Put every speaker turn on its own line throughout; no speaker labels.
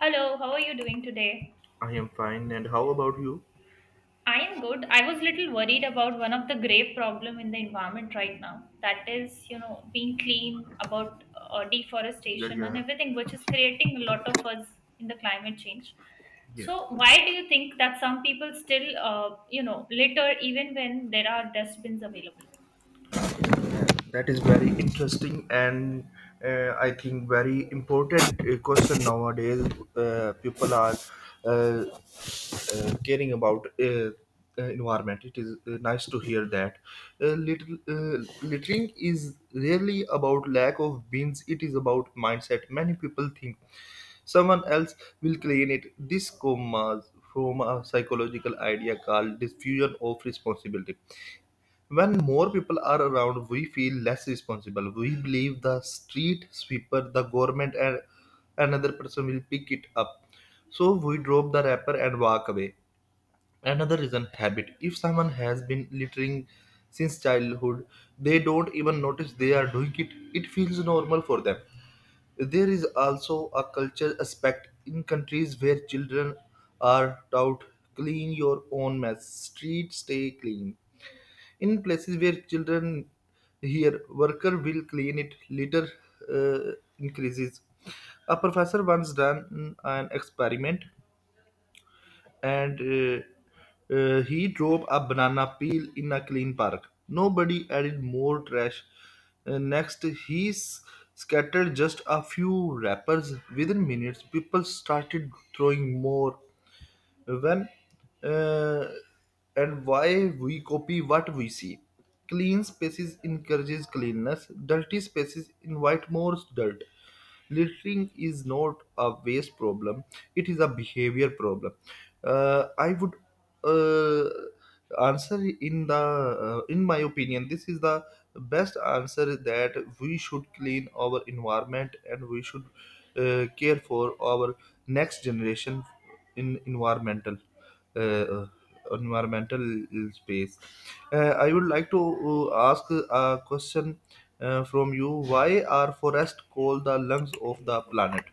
Hello, how are you doing today?
I am fine, and how about you?
I am good. I was little worried about one of the grave problem in the environment right now. That is, being clean about
Yeah,
deforestation and
yeah,
everything, which is creating a lot of us in the climate change.
yeah.
So, why do you think that some people still, litter even when there are dustbins available?
That is very interesting and I think very important question nowadays. People are uh, caring about environment. It is nice to hear that. Littering is rarely about lack of bins. It is about mindset. Many people think someone else will clean it. This comes from a psychological idea called diffusion of responsibility. When more people are around, we feel less responsible. We believe the street sweeper, the government, and another person will pick it up. So we drop the wrapper and walk away. Another reason habit. If someone has been littering since childhood, they don't even notice they are doing it. It feels normal for them. There is also a culture aspect in countries where children are taught clean your own mess, streets stay clean. In places where children hear, worker will clean it, litter increases. A professor once done an experiment and he drove a banana peel in a clean park. Nobody added more trash. Next, scattered just a few wrappers. Within minutes, people started throwing more when uh, and why we copy what we see. Clean spaces encourages cleanness, dirty spaces invite more dirt. Littering is not a waste problem, it is a behavior problem. I would uh, answer in the in my opinion this is the best answer that we should clean our environment and we should care for our next generation in environmental uh, uh, environmental space. I would like to ask a question from you. Why are forests called the lungs of the planet?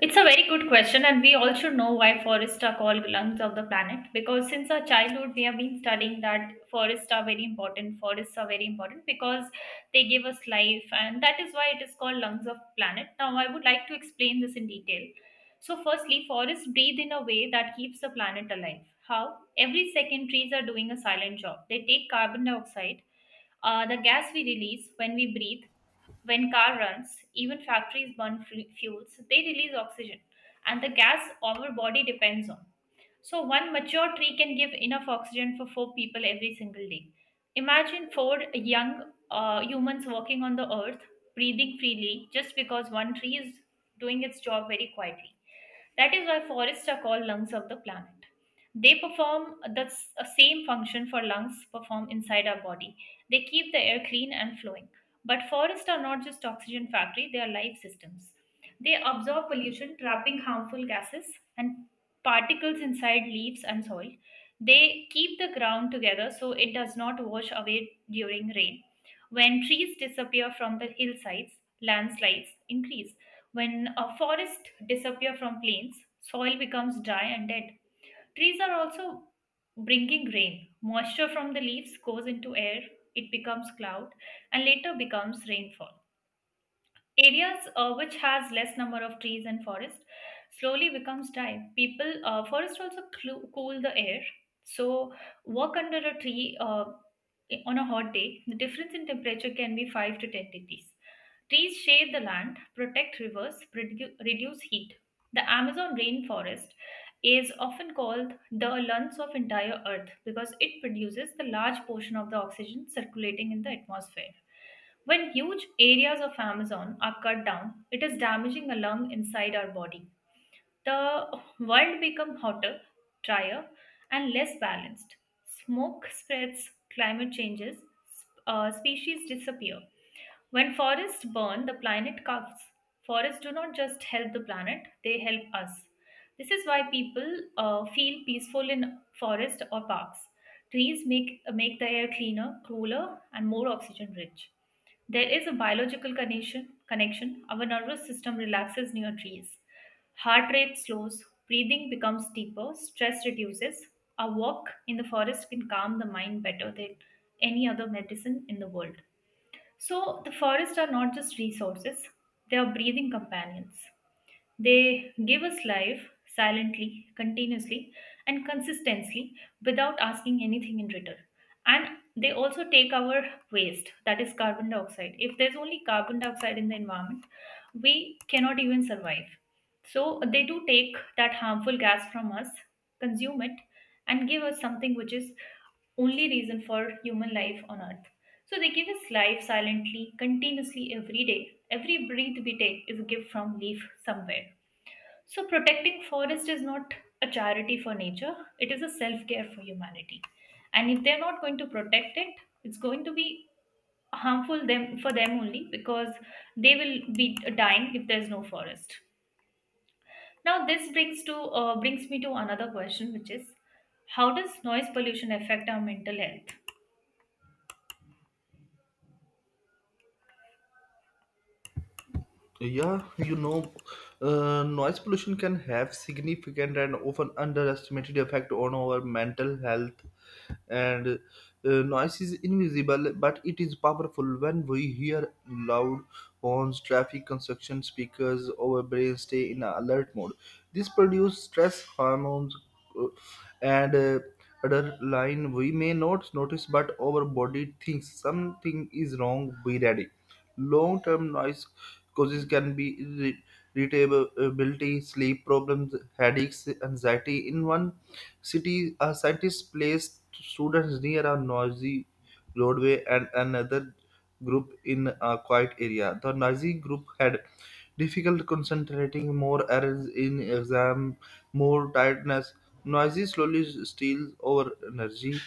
It's a very good question, and we also know why forests are called lungs of the planet because since our childhood we have been studying that forests are very important. Forests are very important because they give us life, and that is why it is called lungs of planet. Now, I would like to explain this in detail. So, firstly, forests breathe in a way that keeps the planet alive. How? Every second, trees are doing a silent job. They take carbon dioxide, the gas we release when we breathe when car runs, even factories burn fuels, they release oxygen, and the gas our body depends on. So, one mature tree can give enough oxygen for four people every single day. Imagine four young humans walking on the earth, breathing freely, just because one tree is doing its job very quietly. That is why forests are called lungs of the planet. They perform the same function for lungs perform inside our body. They keep the air clean and flowing. But forests are not just oxygen factory, they are life systems. They absorb pollution, trapping harmful gases and particles inside leaves and soil. They keep the ground together so it does not wash away during rain. When trees disappear from the hillsides, landslides increase. When a forest disappear from plains, soil becomes dry and dead. Trees are also bringing rain. Moisture from the leaves goes into air, it becomes cloud and later becomes rainfall. Areas which has less number of trees and forest slowly becomes dry. People Forest also cool the air. So walk under a tree. On a hot day, the difference in temperature can be 5 to 10 degrees. Trees shade the land, protect rivers, reduce heat. The Amazon rainforest is often called the lungs of entire earth because it produces the large portion of the oxygen circulating in the atmosphere. When huge areas of Amazon are cut down, it is damaging a lung inside our body. The world become hotter, drier, and less balanced. Smoke spreads, climate changes, species disappear. When forests burn, the planet coughs. Forests do not just help the planet, they help us. This is why people feel peaceful in forests or parks. Trees make the air cleaner, cooler, and more oxygen rich. There is a biological connection. Our nervous system relaxes near trees. Heart rate slows, breathing becomes deeper, stress reduces. A walk in the forest can calm the mind better than any other medicine in the world. So, the forests are not just resources, they are breathing companions. They give us life silently, continuously, and consistently without asking anything in return. And they also take our waste, that is carbon dioxide. If there's only carbon dioxide in the environment, we cannot even survive. So they do take that harmful gas from us, consume it, and give us something which is only reason for human life on earth. So they give us life silently, continuously every day. Every breath we take is a gift from leaf somewhere. So, protecting forest is not a charity for nature, it is a self care for humanity. And if they're not going to protect it, it's going to be harmful them for them only because they will be dying if there's no forest. Now, this brings me to another question, which is how does noise pollution affect our mental health?
Yeah, you know, noise pollution can have significant and often underestimated effect on our mental health. And noise is invisible, but it is powerful. When we hear loud horns, traffic, construction speakers, our brains stay in alert mode. This produces stress hormones uh, and adrenaline. We may not notice, but our body thinks something is wrong. Be ready. Long term noise causes can be irritability, sleep problems, headaches, anxiety. In one city, a scientist placed students near a noisy roadway and another group in a quiet area. The noisy group had difficult concentrating, more errors in exam, more tiredness. Noisy slowly steals our energy.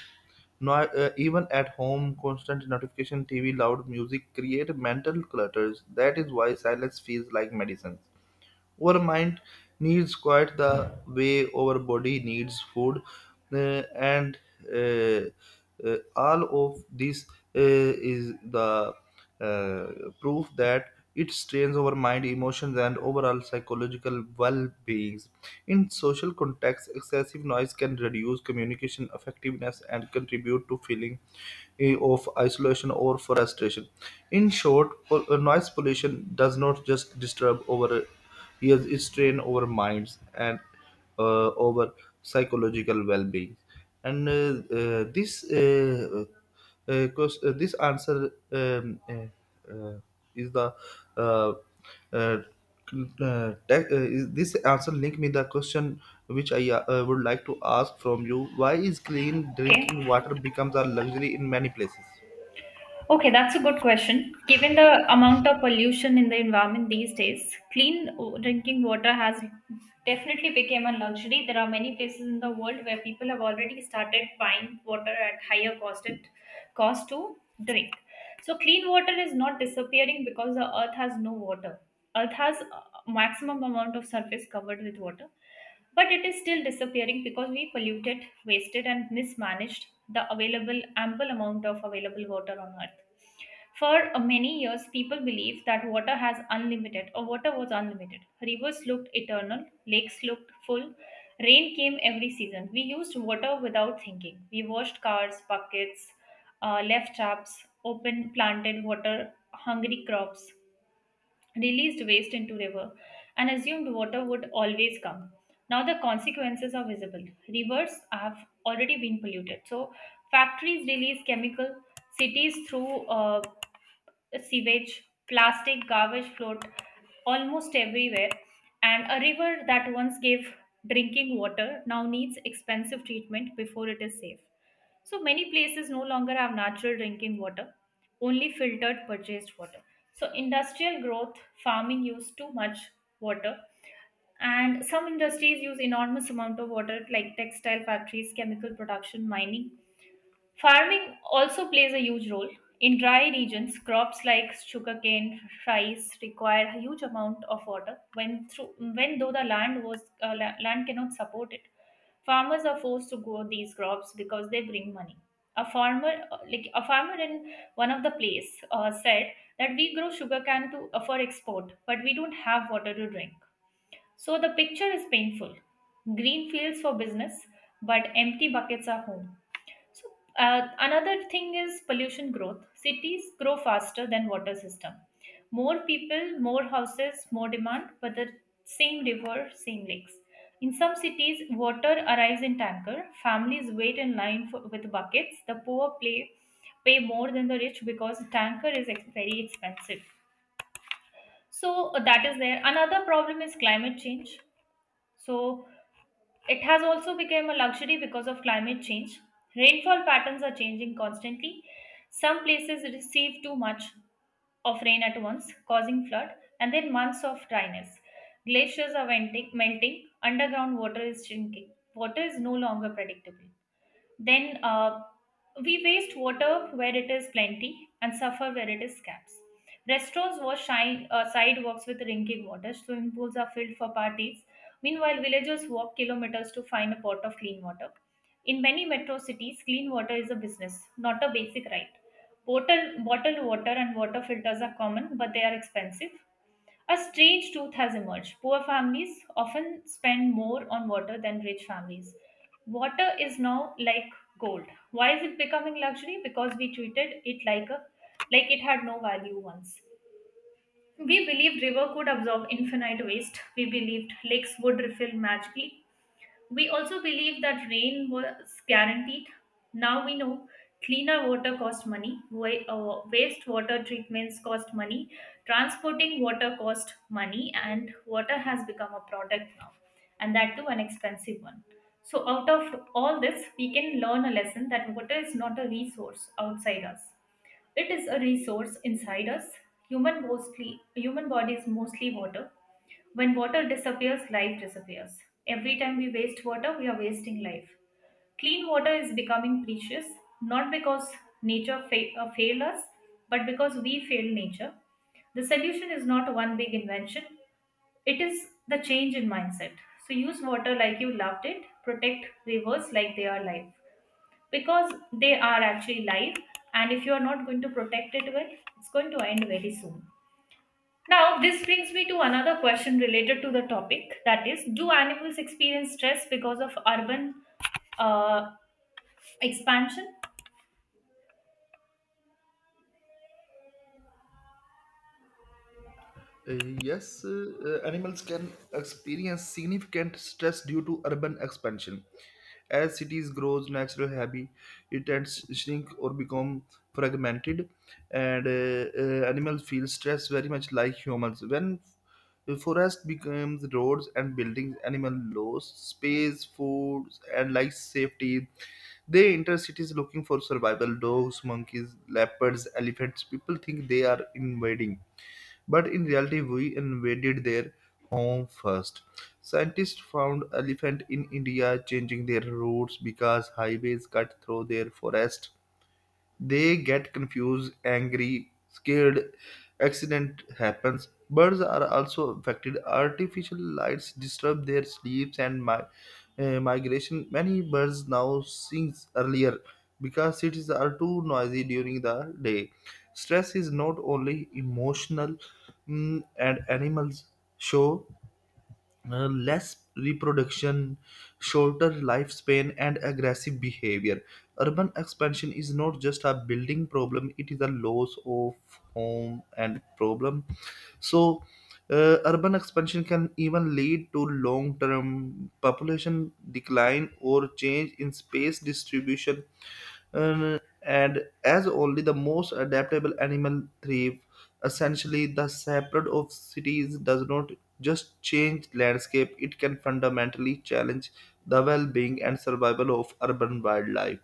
No, Even at home, constant notification, TV, loud music create mental clutters. That is why silence feels like medicine. Our mind needs quiet, the way our body needs food, uh, and uh, all of this uh, is the uh, proof that it strains our mind, emotions, and overall psychological well-being. In social contexts, excessive noise can reduce communication effectiveness and contribute to feeling of isolation or frustration. In short, noise pollution does not just disturb our. Yes, it's strain over minds and over psychological well-being. And this answer, uh, is uh, uh, is this answer link me the question which I would like to ask from you. Why is clean
Okay,
drinking water becomes a luxury in many places?
okay, that's a good question. Given the amount of pollution in the environment these days, clean drinking water has definitely become a luxury. There are many places in the world where people have already started buying water at higher cost at cost to drink. So clean water is not disappearing because the earth has no water. Earth has a maximum amount of surface covered with water. But it is still disappearing because we polluted, wasted, and mismanaged the available ample amount of available water on earth. For many years, people believed that water has unlimited or water was unlimited. Rivers looked eternal, lakes looked full, rain came every season. We used water without thinking. We washed cars, buckets, left taps, open planted water hungry crops released waste into river and assumed water would always come. Now the consequences are visible. Rivers have already been polluted. So factories release chemical, cities through sewage, plastic, garbage float almost everywhere. And a river that once gave drinking water now needs expensive treatment before it is safe. So many places no longer have natural drinking water, only filtered purchased water. So industrial growth, farming use too much water, and some industries use enormous amount of water like textile factories, chemical production, mining. Farming also plays a huge role. In dry regions, crops like sugarcane, rice require a huge amount of water when though the land was land cannot support it. Farmers are forced to grow these crops because they bring money. A farmer like a farmer in one of the place said that we grow sugarcane to for export, but we don't have water to drink. So the picture is painful. Green fields for business, but empty buckets are home. So another thing is pollution growth. Cities grow faster than water system. More people, more houses, more demand, but the same river, same lakes. In some cities, water arrives in tanker. Families wait in line for, with buckets. The poor pay more than the rich because tanker is very expensive. So that is there. Another problem is climate change. So it has also become a luxury because of climate change. Rainfall patterns are changing constantly. Some places receive too much of rain at once, causing flood, and then months of dryness. Glaciers are venting, melting, underground water is shrinking. Water is no longer predictable. Then we waste water where it is plenty and suffer where it is scarce. Restaurants wash sidewalks with drinking water. Swimming pools are filled for parties. Meanwhile, villagers walk kilometers to find a pot of clean water. In many metro cities, clean water is a business, not a basic right. Bottled water and water filters are common, but they are expensive. A strange truth has emerged. Poor families often spend more on water than rich families. Water is now like gold. Why is it becoming luxury? Because we treated it like a it had no value once. We believed river could absorb infinite waste. We believed lakes would refill magically. We also believe that rain was guaranteed. Now we know cleaner water cost money, wastewater treatments cost money, transporting water cost money, and water has become a product now, and that too an expensive one. So, out of all this, we can learn a lesson that water is not a resource outside us. It is a resource inside us. Human body is mostly water when water disappears, life disappears. Every time we waste water, we are wasting life. Clean water is becoming precious, not because failed us, but because we fail nature. The solution is not one big invention, it is the change in mindset. So use water like you loved it, protect rivers like they are life, because they are actually life, and if you are not going to protect it well, it's going to end very soon. Now, this brings me to another question related to the topic that is, do animals experience stress because of urban uh, expansion?
Uh, yes, animals can experience significant stress due to urban expansion. As cities grows natural habitat it tends to shrink or become fragmented, and animals feel stress very much like humans. When the forest becomes roads and buildings, animal lose space, food, and life safety. They enter cities looking for survival. Dogs, monkeys, leopards, elephants. People think they are invading but in reality, we invaded their home first. Scientists found elephant in India changing their routes because highways cut through their forest. They get confused, angry, scared. Accident happens. Birds are also affected. Artificial lights disturb their sleeps and migration. Many birds now sing earlier because cities are too noisy during the day. Stress is not only emotional, and animals show less reproduction, shorter lifespan, and aggressive behavior. Urban expansion is not just a building problem, it is a loss of home and problem. So, urban expansion can even lead to long term population decline or change in space distribution, and as only the most adaptable animal thrive, essentially the spread of cities does not just change landscape, it can fundamentally challenge the well-being and survival of urban wildlife.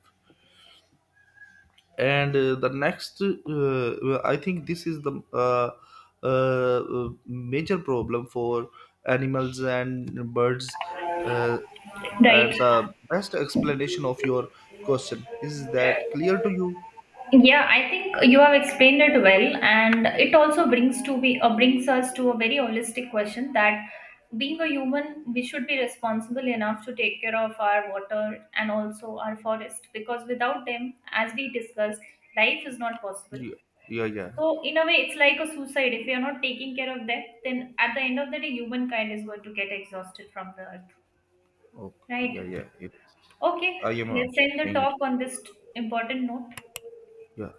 And the next, well, I think this is the major problem for animals and birds. Uh,
Right.
and the best explanation of your question, is that clear to you?
Yeah, I think you have explained it well, and it also brings us to a very holistic question that being a human, we should be responsible enough to take care of our water and also our forest because without them, as we discussed, life is not possible.
Yeah, yeah, yeah.
So in a way, it's like a suicide. If you're not taking care of that, then at the end of the day, humankind is going to get exhausted from the earth.
Okay,
Right.
yeah, yeah, it is.
Okay.
I am
Let's
also
end the
saying it.
talk on this important note.
Yeah.